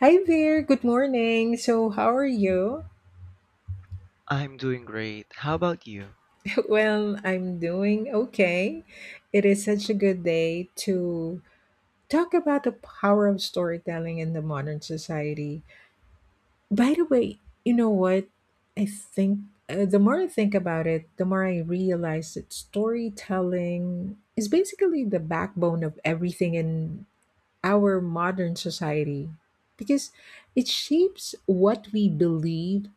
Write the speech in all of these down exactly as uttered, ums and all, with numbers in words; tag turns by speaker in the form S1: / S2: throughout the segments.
S1: Hi there, good morning. So, how are you?
S2: I'm doing great. How about you?
S1: Well, I'm doing okay. It is such a good day to talk about the power of storytelling in the modern society. By the way, you know what? I think uh, the more I think about it, the more I realize that storytelling is basically the backbone of everything in our modern society because it shapes what we believe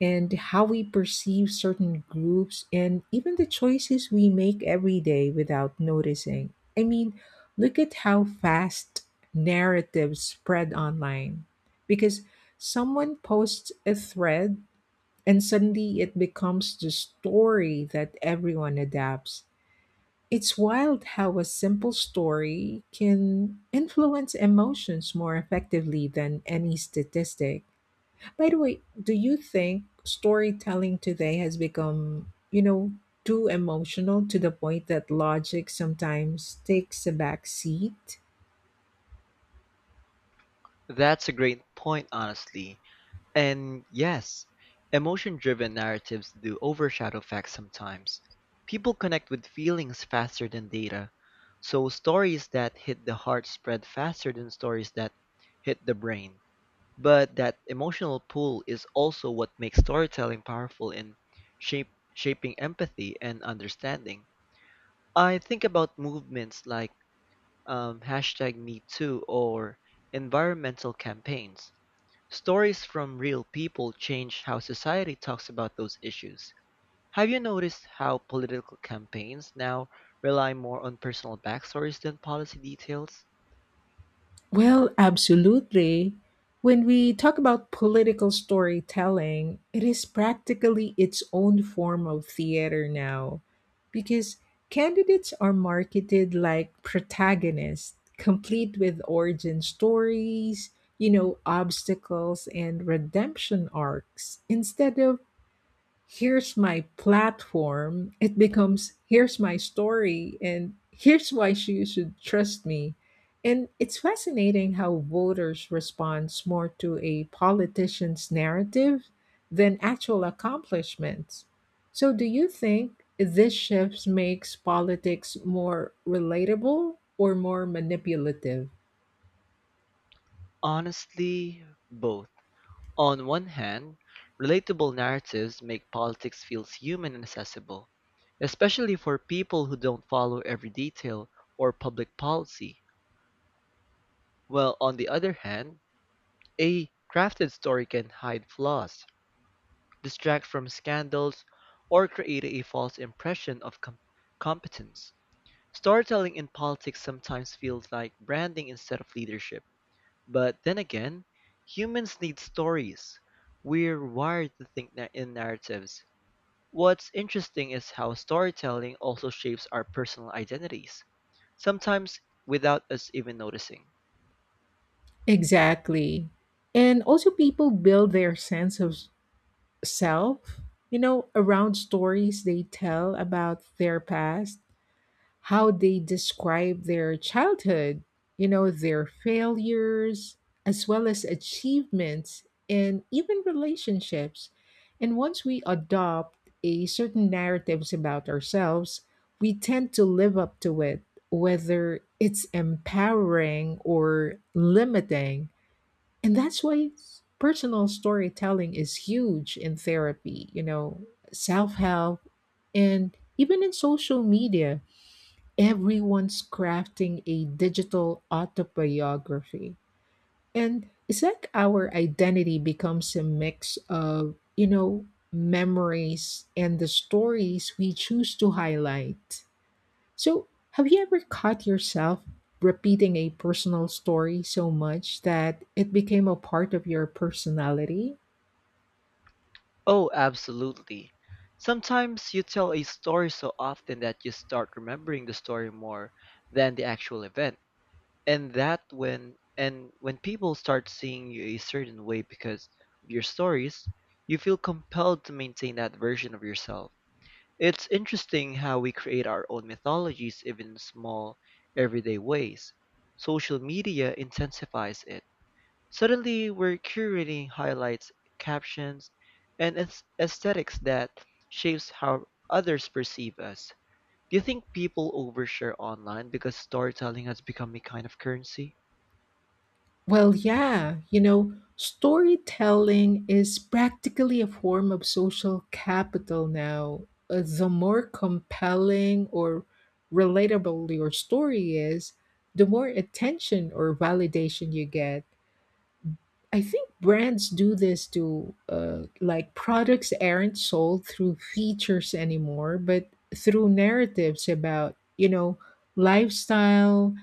S1: and how we perceive certain groups and even the choices we make every day without noticing. I mean, look at how fast narratives spread online because someone posts a thread and suddenly it becomes the story that everyone adapts. It's wild how a simple story can influence emotions more effectively than any statistic. By the way, do you think storytelling today has become, you know, too emotional to the point that logic sometimes takes a back seat?
S2: That's a great point, honestly. And yes, emotion driven narratives do overshadow facts sometimes. People connect with feelings faster than data. So stories that hit the heart spread faster than stories that hit the brain. But that emotional pull is also what makes storytelling powerful in shape, shaping empathy and understanding. I think about movements like um, hashtag me too or environmental campaigns. Stories from real people change how society talks about those issues. Have you noticed how political campaigns now rely more on personal backstories than policy details?
S1: Well, absolutely. When we talk about political storytelling, it is practically its own form of theater now because candidates are marketed like protagonists, complete with origin stories, you know, obstacles and redemption arcs instead of here's my platform, it becomes here's my story and here's why sh- you should trust me. And it's fascinating how voters respond more to a politician's narrative than actual accomplishments. So do you think this shift makes politics more relatable or more manipulative?
S2: Honestly, both. On one hand, relatable narratives make politics feel human and accessible, especially for people who don't follow every detail or public policy. Well, on the other hand, a crafted story can hide flaws, distract from scandals, or create a false impression of com- competence. Storytelling in politics sometimes feels like branding instead of leadership. But then again, humans need stories. We're wired to think na- in narratives. What's interesting is how storytelling also shapes our personal identities, sometimes without us even noticing.
S1: Exactly. And also people build their sense of self, you know, around stories they tell about their past, how they describe their childhood, you know, their failures, as well as achievements and even relationships. And once we adopt a certain narratives about ourselves, we tend to live up to it, whether it's empowering or limiting. And that's why personal storytelling is huge in therapy, you know, self help, and even in social media. Everyone's crafting a digital autobiography. And it's like our identity becomes a mix of, you know, memories and the stories we choose to highlight. So, have you ever caught yourself repeating a personal story so much that it became a part of your personality?
S2: Oh, absolutely. Sometimes you tell a story so often that you start remembering the story more than the actual event. And that when and when people start seeing you a certain way because of your stories, you feel compelled to maintain that version of yourself. It's interesting how we create our own mythologies even in small everyday ways. Social media intensifies it. Suddenly, we're curating highlights, captions, and aes- aesthetics that shapes how others perceive us. Do you think people overshare online because storytelling has become a kind of currency?
S1: Well, yeah, you know, storytelling is practically a form of social capital now. Uh, The more compelling or relatable your story is, the more attention or validation you get. I think brands do this to uh, like products aren't sold through features anymore, but through narratives about, you know, lifestyle,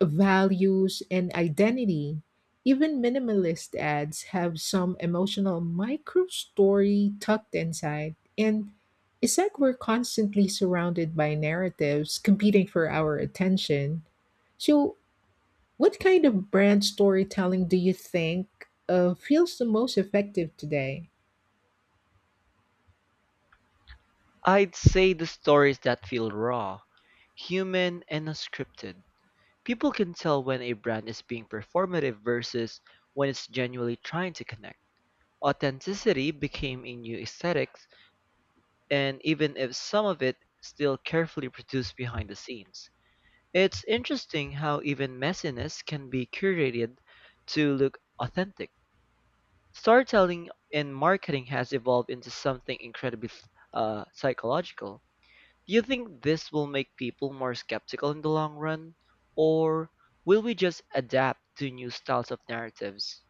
S1: values, and identity. Even minimalist ads have some emotional micro story tucked inside. And it's like we're constantly surrounded by narratives competing for our attention. So, what kind of brand storytelling do you think uh, feels the most effective today?
S2: I'd say the stories that feel raw, human, and unscripted. People can tell when a brand is being performative versus when it's genuinely trying to connect. Authenticity became a new aesthetic, and even if some of it still carefully produced behind the scenes. It's interesting how even messiness can be curated to look authentic. Storytelling and marketing has evolved into something incredibly uh, psychological. Do you think this will make people more skeptical in the long run, or will we just adapt to new styles of narratives?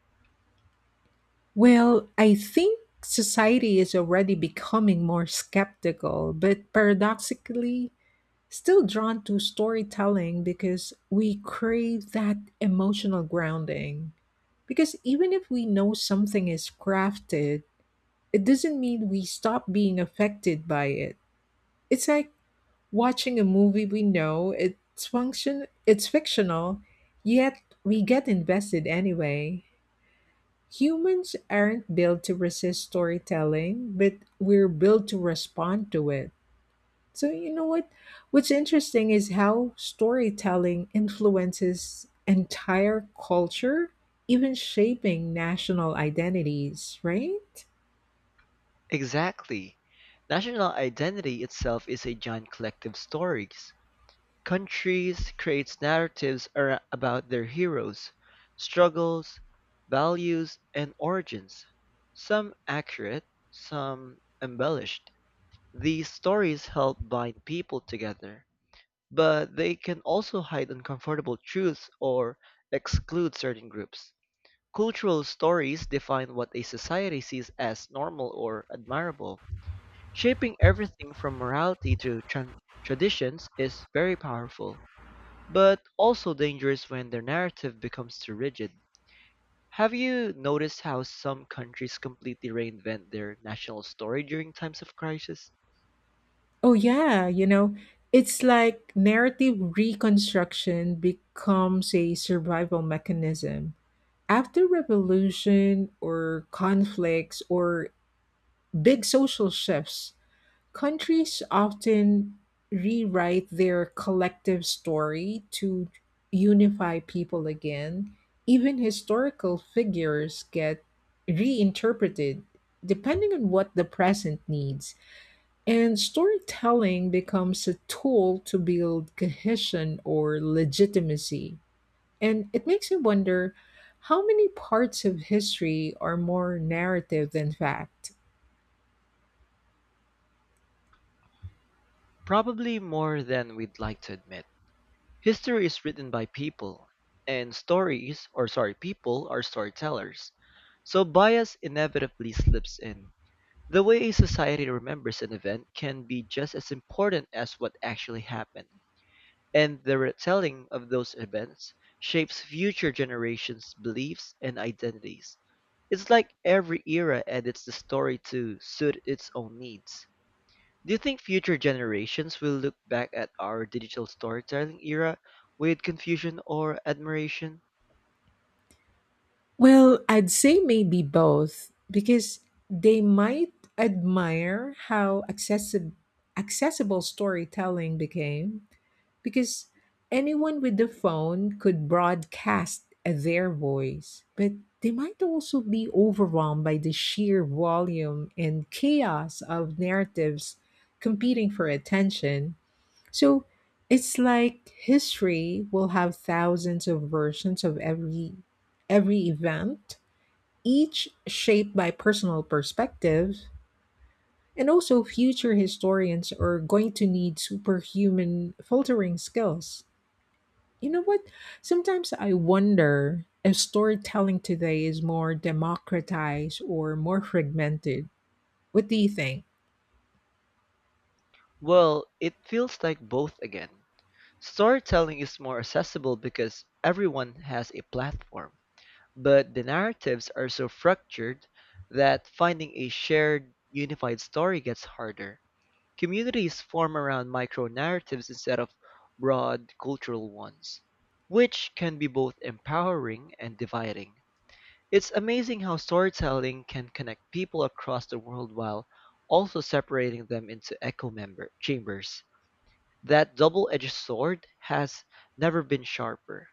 S1: Well, I think society is already becoming more skeptical, but paradoxically, still drawn to storytelling because we crave that emotional grounding. Because even if we know something is crafted, it doesn't mean we stop being affected by it. It's like watching a movie we know it's function it's fictional, yet we get invested anyway. Humans aren't built to resist storytelling, but we're built to respond to it. So you know what what's interesting is how storytelling influences entire culture, even shaping national identities, right?
S2: Exactly. National identity itself is a giant collective stories. Countries create narratives ar- about their heroes, struggles, values, and origins. Some accurate, some embellished. These stories help bind people together, but they can also hide uncomfortable truths or exclude certain groups. Cultural stories define what a society sees as normal or admirable. Shaping everything from morality to tran traditions is very powerful, but also dangerous when their narrative becomes too rigid. Have you noticed how some countries completely reinvent their national story during times of crisis?
S1: Oh, yeah. You know, it's like narrative reconstruction becomes a survival mechanism. After revolution or conflicts or big social shifts, countries often rewrite their collective story to unify people again. Even historical figures get reinterpreted depending on what the present needs. And storytelling becomes a tool to build cohesion or legitimacy. And it makes me wonder how many parts of history are more narrative than fact?
S2: Probably more than we'd like to admit. History is written by people, and stories, or sorry, people are storytellers. So bias inevitably slips in. The way a society remembers an event can be just as important as what actually happened. And the retelling of those events shapes future generations' beliefs and identities. It's like every era edits the story to suit its own needs. Do you think future generations will look back at our digital storytelling era with confusion or admiration?
S1: Well, I'd say maybe both because they might admire how accessi- accessible storytelling became because anyone with the phone could broadcast their voice, but they might also be overwhelmed by the sheer volume and chaos of narratives competing for attention. So it's like history will have thousands of versions of every every event, each shaped by personal perspectives. And also future historians are going to need superhuman filtering skills. You know what? Sometimes I wonder if storytelling today is more democratized or more fragmented. What do you think?
S2: Well, it feels like both again. Storytelling is more accessible because everyone has a platform, but the narratives are so fractured that finding a shared, unified story gets harder. Communities form around micro-narratives instead of broad cultural ones, which can be both empowering and dividing. It's amazing how storytelling can connect people across the world while also separating them into echo member chambers. That double-edged sword has never been sharper.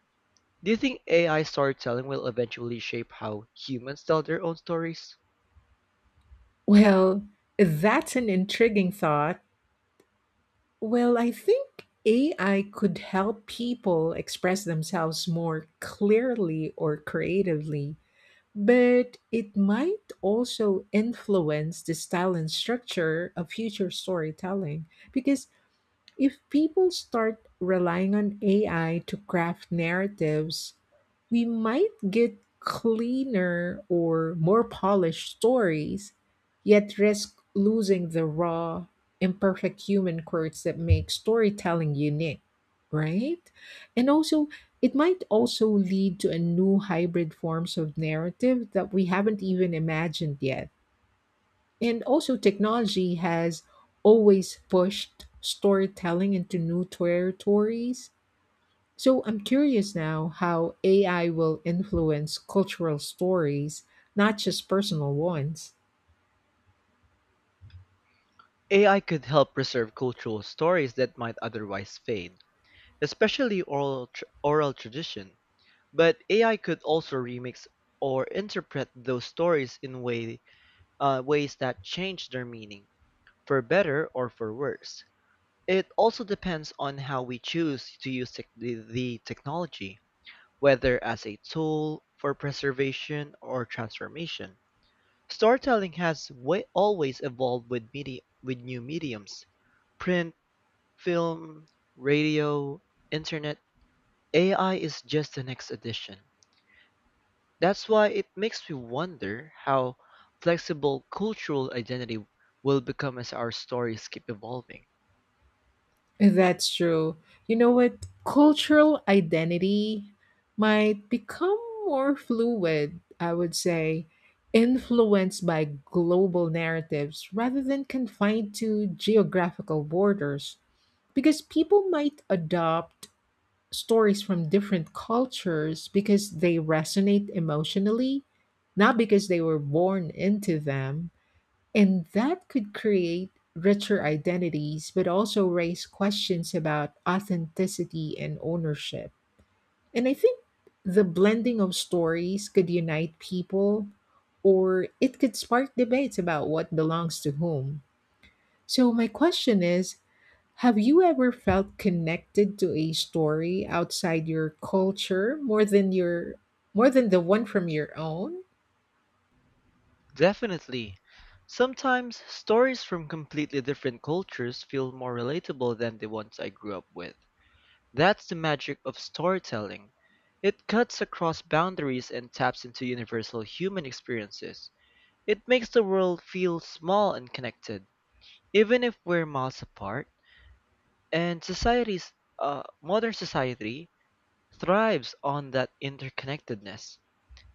S2: Do you think A I storytelling will eventually shape how humans tell their own stories?
S1: Well, that's an intriguing thought. Well, I think A I could help people express themselves more clearly or creatively, but it might also influence the style and structure of future storytelling because if people start relying on A I to craft narratives, we might get cleaner or more polished stories, yet risk losing the raw, imperfect human quirks that make storytelling unique, right? And also, it might also lead to a new hybrid forms of narrative that we haven't even imagined yet, and also, technology has always pushed storytelling into new territories. So I'm curious now how A I will influence cultural stories, not just personal ones.
S2: A I could help preserve cultural stories that might otherwise fade, especially oral tr- oral tradition, but A I could also remix or interpret those stories in way, uh, ways that change their meaning, for better or for worse. It also depends on how we choose to use tech- the, the technology, whether as a tool for preservation or transformation. Storytelling has wa- always evolved with media, with new mediums, print, film, radio, internet. A I is just the next addition. That's why it makes me wonder how flexible cultural identity will become as our stories keep evolving.
S1: That's true. You know what? Cultural identity might become more fluid, I would say, influenced by global narratives rather than confined to geographical borders, because people might adopt stories from different cultures because they resonate emotionally, not because they were born into them. And that could create richer identities, but also raise questions about authenticity and ownership. And I think the blending of stories could unite people, or it could spark debates about what belongs to whom. So, my question is, have you ever felt connected to a story outside your culture more than your more than the one from your own?
S2: Definitely, sometimes stories from completely different cultures feel more relatable than the ones I grew up with. That's the magic of storytelling. It cuts across boundaries and taps into universal human experiences. It makes the world feel small and connected, even if we're miles apart. And society's uh, modern society thrives on that interconnectedness.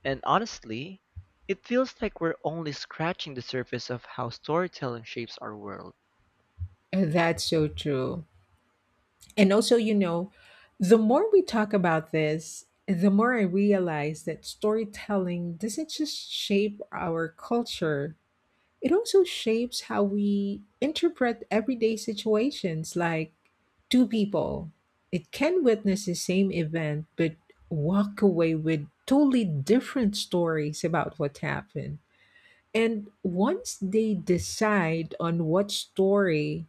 S2: And honestly, it feels like we're only scratching the surface of how storytelling shapes our world.
S1: That's so true. And also, you know, the more we talk about this, the more I realize that storytelling doesn't just shape our culture. It also shapes how we interpret everyday situations like two people. It can witness the same event but walk away with totally different stories about what happened. And once they decide on what story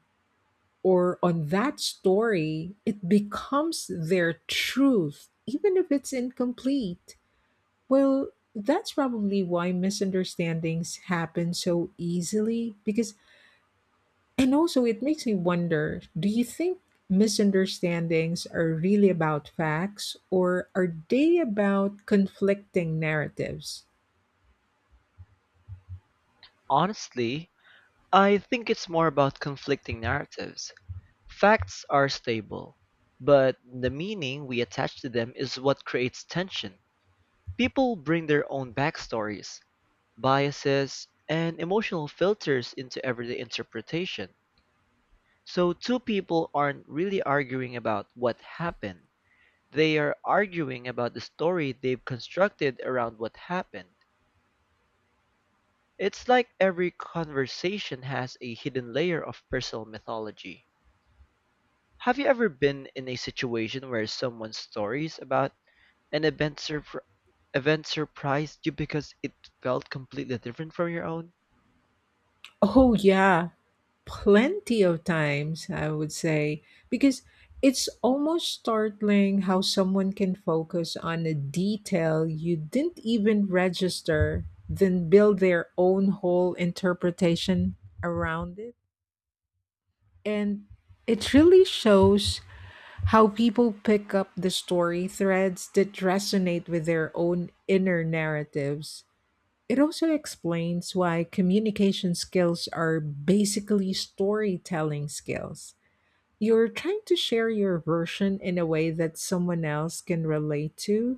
S1: or on that story, it becomes their truth, even if it's incomplete. Well, that's probably why misunderstandings happen so easily, because and also, it makes me wonder, do you think misunderstandings are really about facts or are they about conflicting narratives?
S2: Honestly, I think it's more about conflicting narratives. Facts are stable, but the meaning we attach to them is what creates tension. People bring their own backstories, biases, and emotional filters into everyday interpretation. So two people aren't really arguing about what happened. They are arguing about the story they've constructed around what happened. It's like every conversation has a hidden layer of personal mythology. Have you ever been in a situation where someone's stories about an event, surpr event surprised you because it felt completely different from your own?
S1: Oh, yeah, plenty of times, I would say, because it's almost startling how someone can focus on a detail you didn't even register, then build their own whole interpretation around it. And it really shows how people pick up the story threads that resonate with their own inner narratives. It also explains why communication skills are basically storytelling skills. You're trying to share your version in a way that someone else can relate to.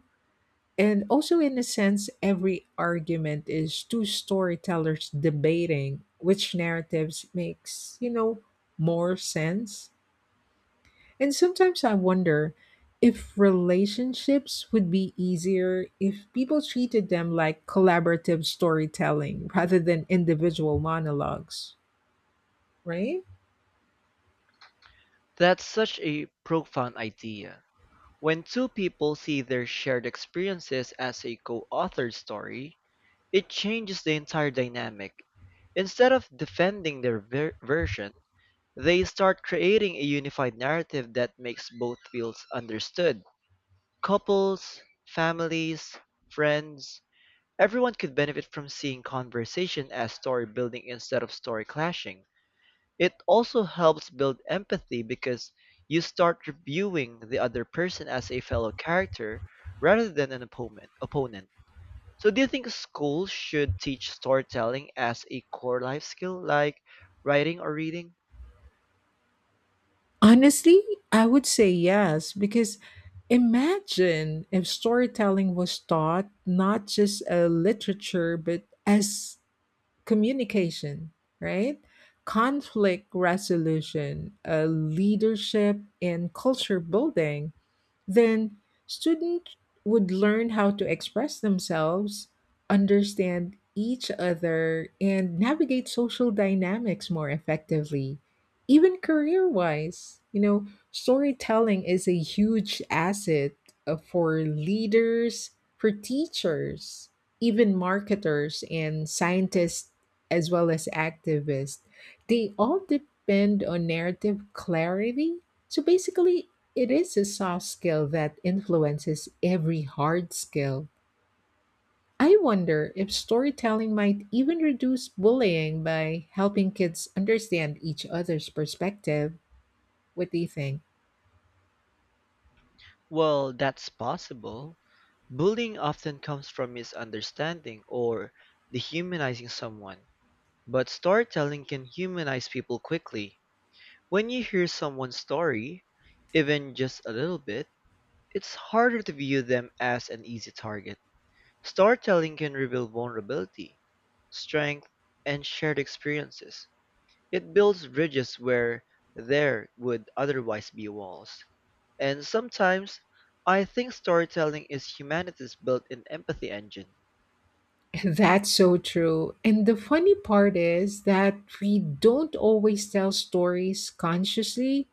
S1: And also, in a sense, every argument is two storytellers debating which narratives makes, you know, more sense. And sometimes I wonder if relationships would be easier if people treated them like collaborative storytelling rather than individual monologues, right?
S2: That's such a profound idea. When two people see their shared experiences as a co-authored story, it changes the entire dynamic. Instead of defending their ver- version, they start creating a unified narrative that makes both fields understood. Couples, families, friends, everyone could benefit from seeing conversation as story building instead of story clashing. It also helps build empathy because you start reviewing the other person as a fellow character rather than an opponent. opponent. So do you think schools should teach storytelling as a core life skill like writing or reading?
S1: Honestly, I would say yes, because imagine if storytelling was taught not just as literature, but as communication, right? Conflict resolution, uh, leadership, and culture building. Then students would learn how to express themselves, understand each other, and navigate social dynamics more effectively. Even career wise, you know, storytelling is a huge asset, uh, for leaders, for teachers, even marketers and scientists, as well as activists. They all depend on narrative clarity. So basically, it is a soft skill that influences every hard skill. I wonder if storytelling might even reduce bullying by helping kids understand each other's perspective. What do you think?
S2: Well, that's possible. Bullying often comes from misunderstanding or dehumanizing someone, but storytelling can humanize people quickly. When you hear someone's story, even just a little bit, it's harder to view them as an easy target. Storytelling can reveal vulnerability, strength, and shared experiences. It builds bridges where there would otherwise be walls, and sometimes I think storytelling is humanity's built-in empathy engine.
S1: That's so true. And the funny part is that we don't always tell stories consciously.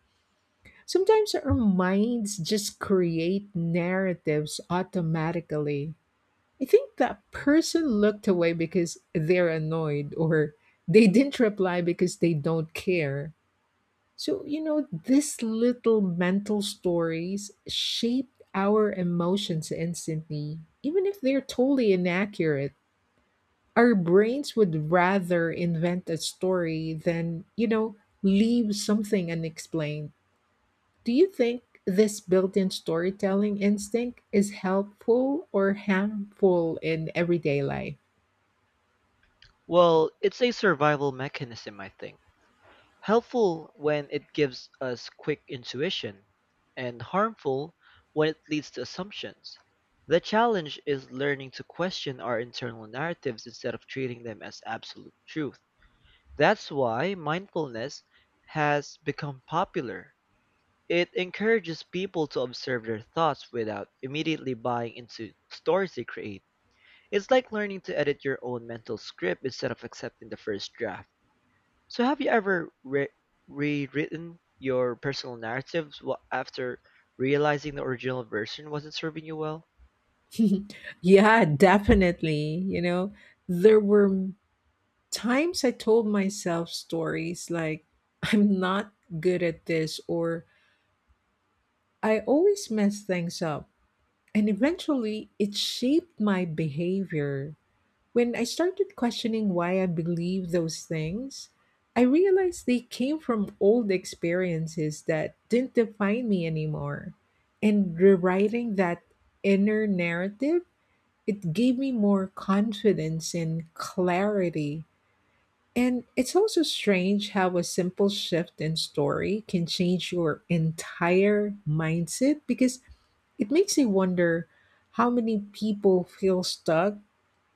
S1: Sometimes our minds just create narratives automatically. I think that person looked away because they're annoyed or they didn't reply because they don't care. So, you know, these little mental stories shape our emotions instantly, even if they're totally inaccurate. Our brains would rather invent a story than, you know, leave something unexplained. Do you think this built in storytelling instinct is helpful or harmful in everyday life?
S2: Well, it's a survival mechanism, I think. Helpful when it gives us quick intuition, and harmful when it leads to assumptions. The challenge is learning to question our internal narratives instead of treating them as absolute truth. That's why mindfulness has become popular. It encourages people to observe their thoughts without immediately buying into stories they create. It's like learning to edit your own mental script instead of accepting the first draft. So, have you ever re- rewritten your personal narratives wa- after realizing the original version wasn't serving you well?
S1: Yeah, definitely. You know, there were times I told myself stories like, I'm not good at this, or I always mess things up. And eventually, it shaped my behavior. When I started questioning why I believed those things, I realized they came from old experiences that didn't define me anymore. And rewriting that inner narrative, it gave me more confidence and clarity. And it's also strange how a simple shift in story can change your entire mindset, because it makes me wonder how many people feel stuck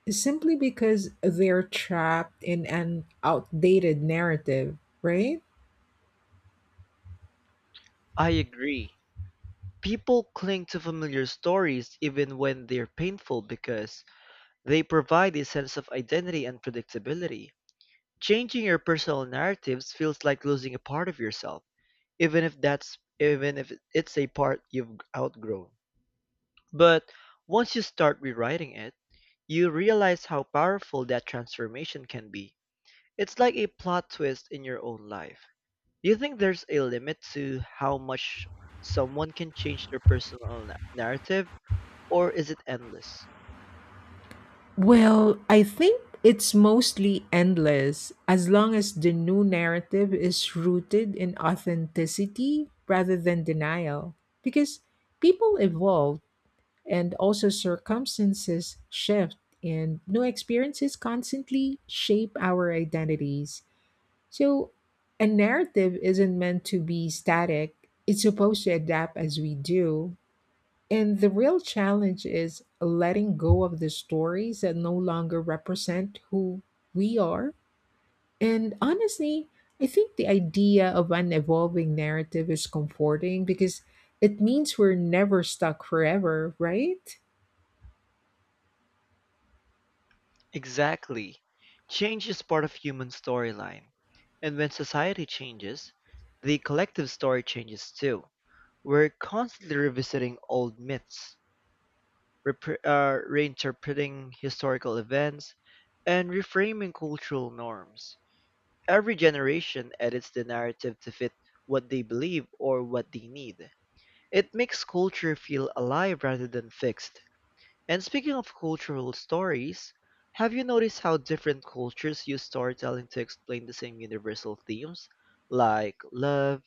S1: simply because they're trapped in an outdated narrative, right?
S2: I agree. People cling to familiar stories even when they're painful because they provide a sense of identity and predictability. Changing your personal narratives feels like losing a part of yourself, even if that's even if it's a part you've outgrown. But once you start rewriting it, you realize how powerful that transformation can be. It's like a plot twist in your own life. Do you think there's a limit to how much someone can change their personal na- narrative, or is it endless?
S1: Well, I think it's mostly endless as long as the new narrative is rooted in authenticity rather than denial. Because people evolve and also circumstances shift, and new experiences constantly shape our identities. So, a narrative isn't meant to be static, it's supposed to adapt as we do. And the real challenge is letting go of the stories that no longer represent who we are. And honestly, I think the idea of an evolving narrative is comforting because it means we're never stuck forever, right?
S2: Exactly. Change is part of human storyline. And when society changes, the collective story changes too. We're constantly revisiting old myths, repre- uh, reinterpreting historical events, and reframing cultural norms. Every generation edits the narrative to fit what they believe or what they need. It makes culture feel alive rather than fixed. And speaking of cultural stories, have you noticed how different cultures use storytelling to explain the same universal themes, like love,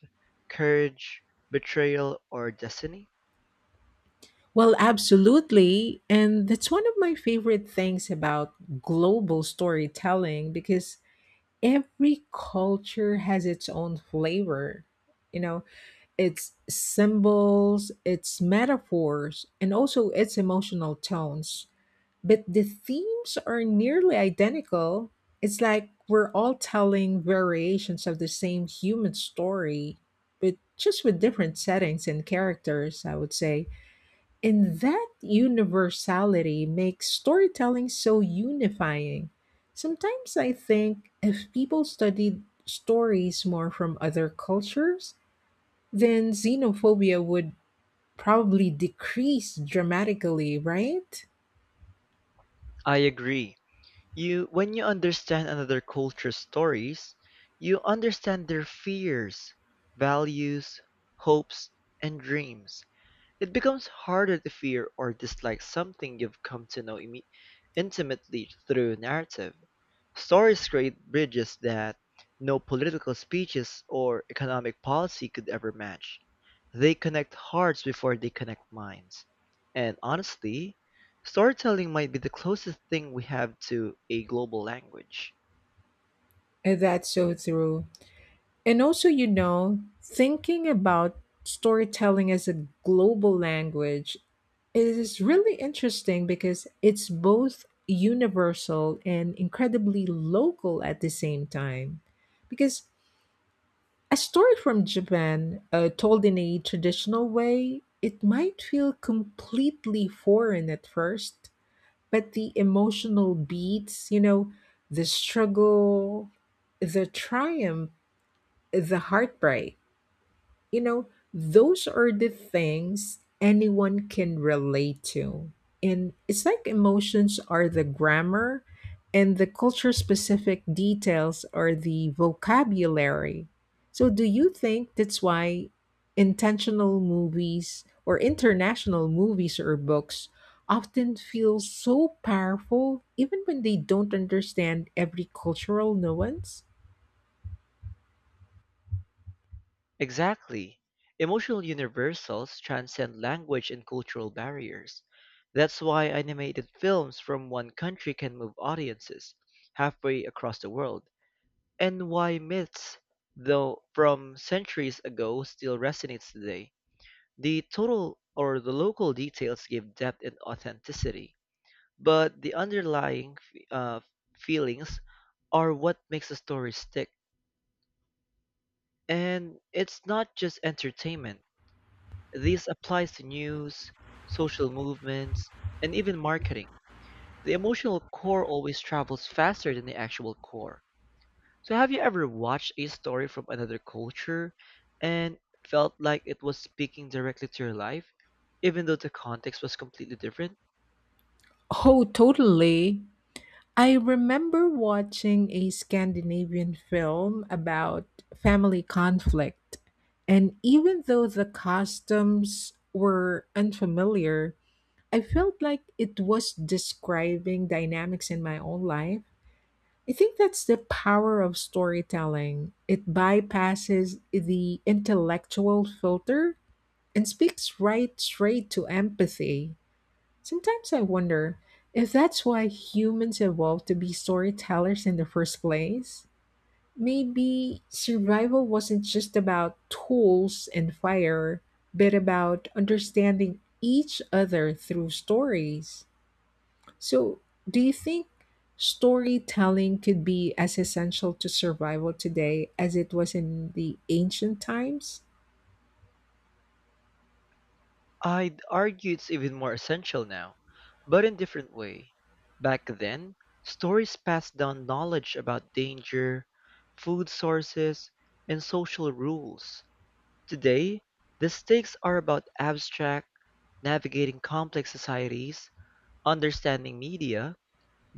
S2: courage, betrayal, or destiny?
S1: Well, absolutely. And that's one of my favorite things about global storytelling, because every culture has its own flavor. You know, its symbols, its metaphors, and also its emotional tones. But the themes are nearly identical. It's like we're all telling variations of the same human story, but just with different settings and characters, I would say. And that universality makes storytelling so unifying. Sometimes I think if people studied stories more from other cultures, then xenophobia would probably decrease dramatically, right?
S2: I agree. You, when you understand another culture's stories, you understand their fears, values, hopes, and dreams. It becomes harder to fear or dislike something you've come to know imme- intimately through narrative. Stories create bridges that no political speeches or economic policy could ever match. They connect hearts before they connect minds. And honestly, storytelling might be the closest thing we have to a global language.
S1: And that's so true. And also, you know, thinking about storytelling as a global language is really interesting because it's both universal and incredibly local at the same time. Because a story from Japan, uh, told in a traditional way, it might feel completely foreign at first, but the emotional beats, you know, the struggle, the triumph, the heartbreak, you know, those are the things anyone can relate to. And it's like emotions are the grammar and the culture specific details are the vocabulary. So, do you think that's why intentional movies or international movies or books often feel so powerful even when they don't understand every cultural nuance?
S2: Exactly. Emotional universals transcend language and cultural barriers. That's why animated films from one country can move audiences halfway across the world, and why myths, though from centuries ago, still resonates today. The total or the local details give depth and authenticity, but the underlying f- uh, feelings are what makes a story stick. And it's not just entertainment. This applies to news, social movements, and even marketing. The emotional core always travels faster than the actual core. So, have you ever watched a story from another culture and felt like it was speaking directly to your life, even though the context was completely different?
S1: Oh, totally. I remember watching a Scandinavian film about family conflict, and even though the customs were unfamiliar, I felt like it was describing dynamics in my own life. I think that's the power of storytelling. It bypasses the intellectual filter and speaks right straight to empathy. Sometimes I wonder if that's why humans evolved to be storytellers in the first place. Maybe survival wasn't just about tools and fire, but about understanding each other through stories. So, do you think storytelling could be as essential to survival today as it was in the ancient times?
S2: I'd argue it's even more essential now, but in different way. Back then, stories passed down knowledge about danger, food sources, and social rules. Today, the stakes are about abstract, navigating complex societies, understanding media,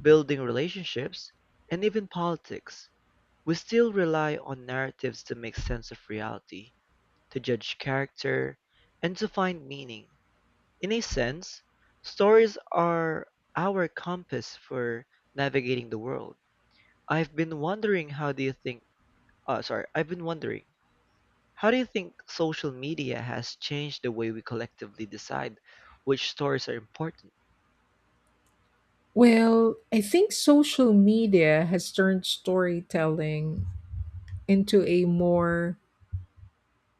S2: building relationships, and even politics. We still rely on narratives to make sense of reality, to judge character, and to find meaning. In a sense, stories are our compass for navigating the world. I've been wondering how do you think uh, sorry, I've been wondering how do you think social media has changed the way we collectively decide which stories are important?
S1: Well, I think social media has turned storytelling into a more,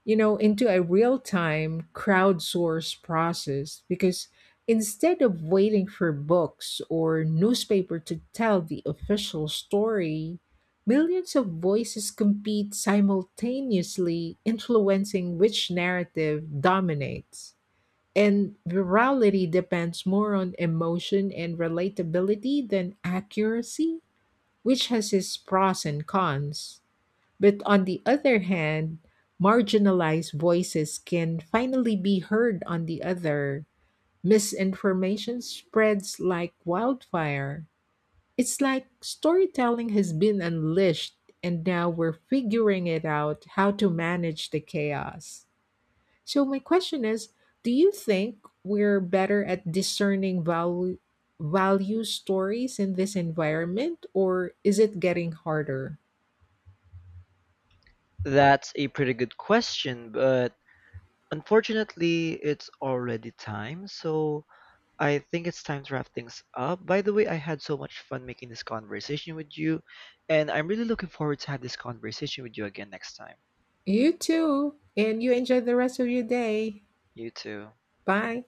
S1: you know, into a real time crowdsourced process, because instead of waiting for books or newspaper to tell the official story, millions of voices compete simultaneously, influencing which narrative dominates, and virality depends more on emotion and relatability than accuracy, which has its pros and cons. But on the other hand, marginalized voices can finally be heard on the other. Misinformation spreads like wildfire. It's like storytelling has been unleashed, and now we're figuring it out how to manage the chaos. So, my question is, do you think we're better at discerning value, value stories in this environment, or is it getting harder?
S2: That's a pretty good question, but unfortunately, it's already time, so I think it's time to wrap things up. By the way, I had so much fun making this conversation with you, and I'm really looking forward to have this conversation with you again next time.
S1: You too. And you enjoy the rest of your day.
S2: You too.
S1: Bye.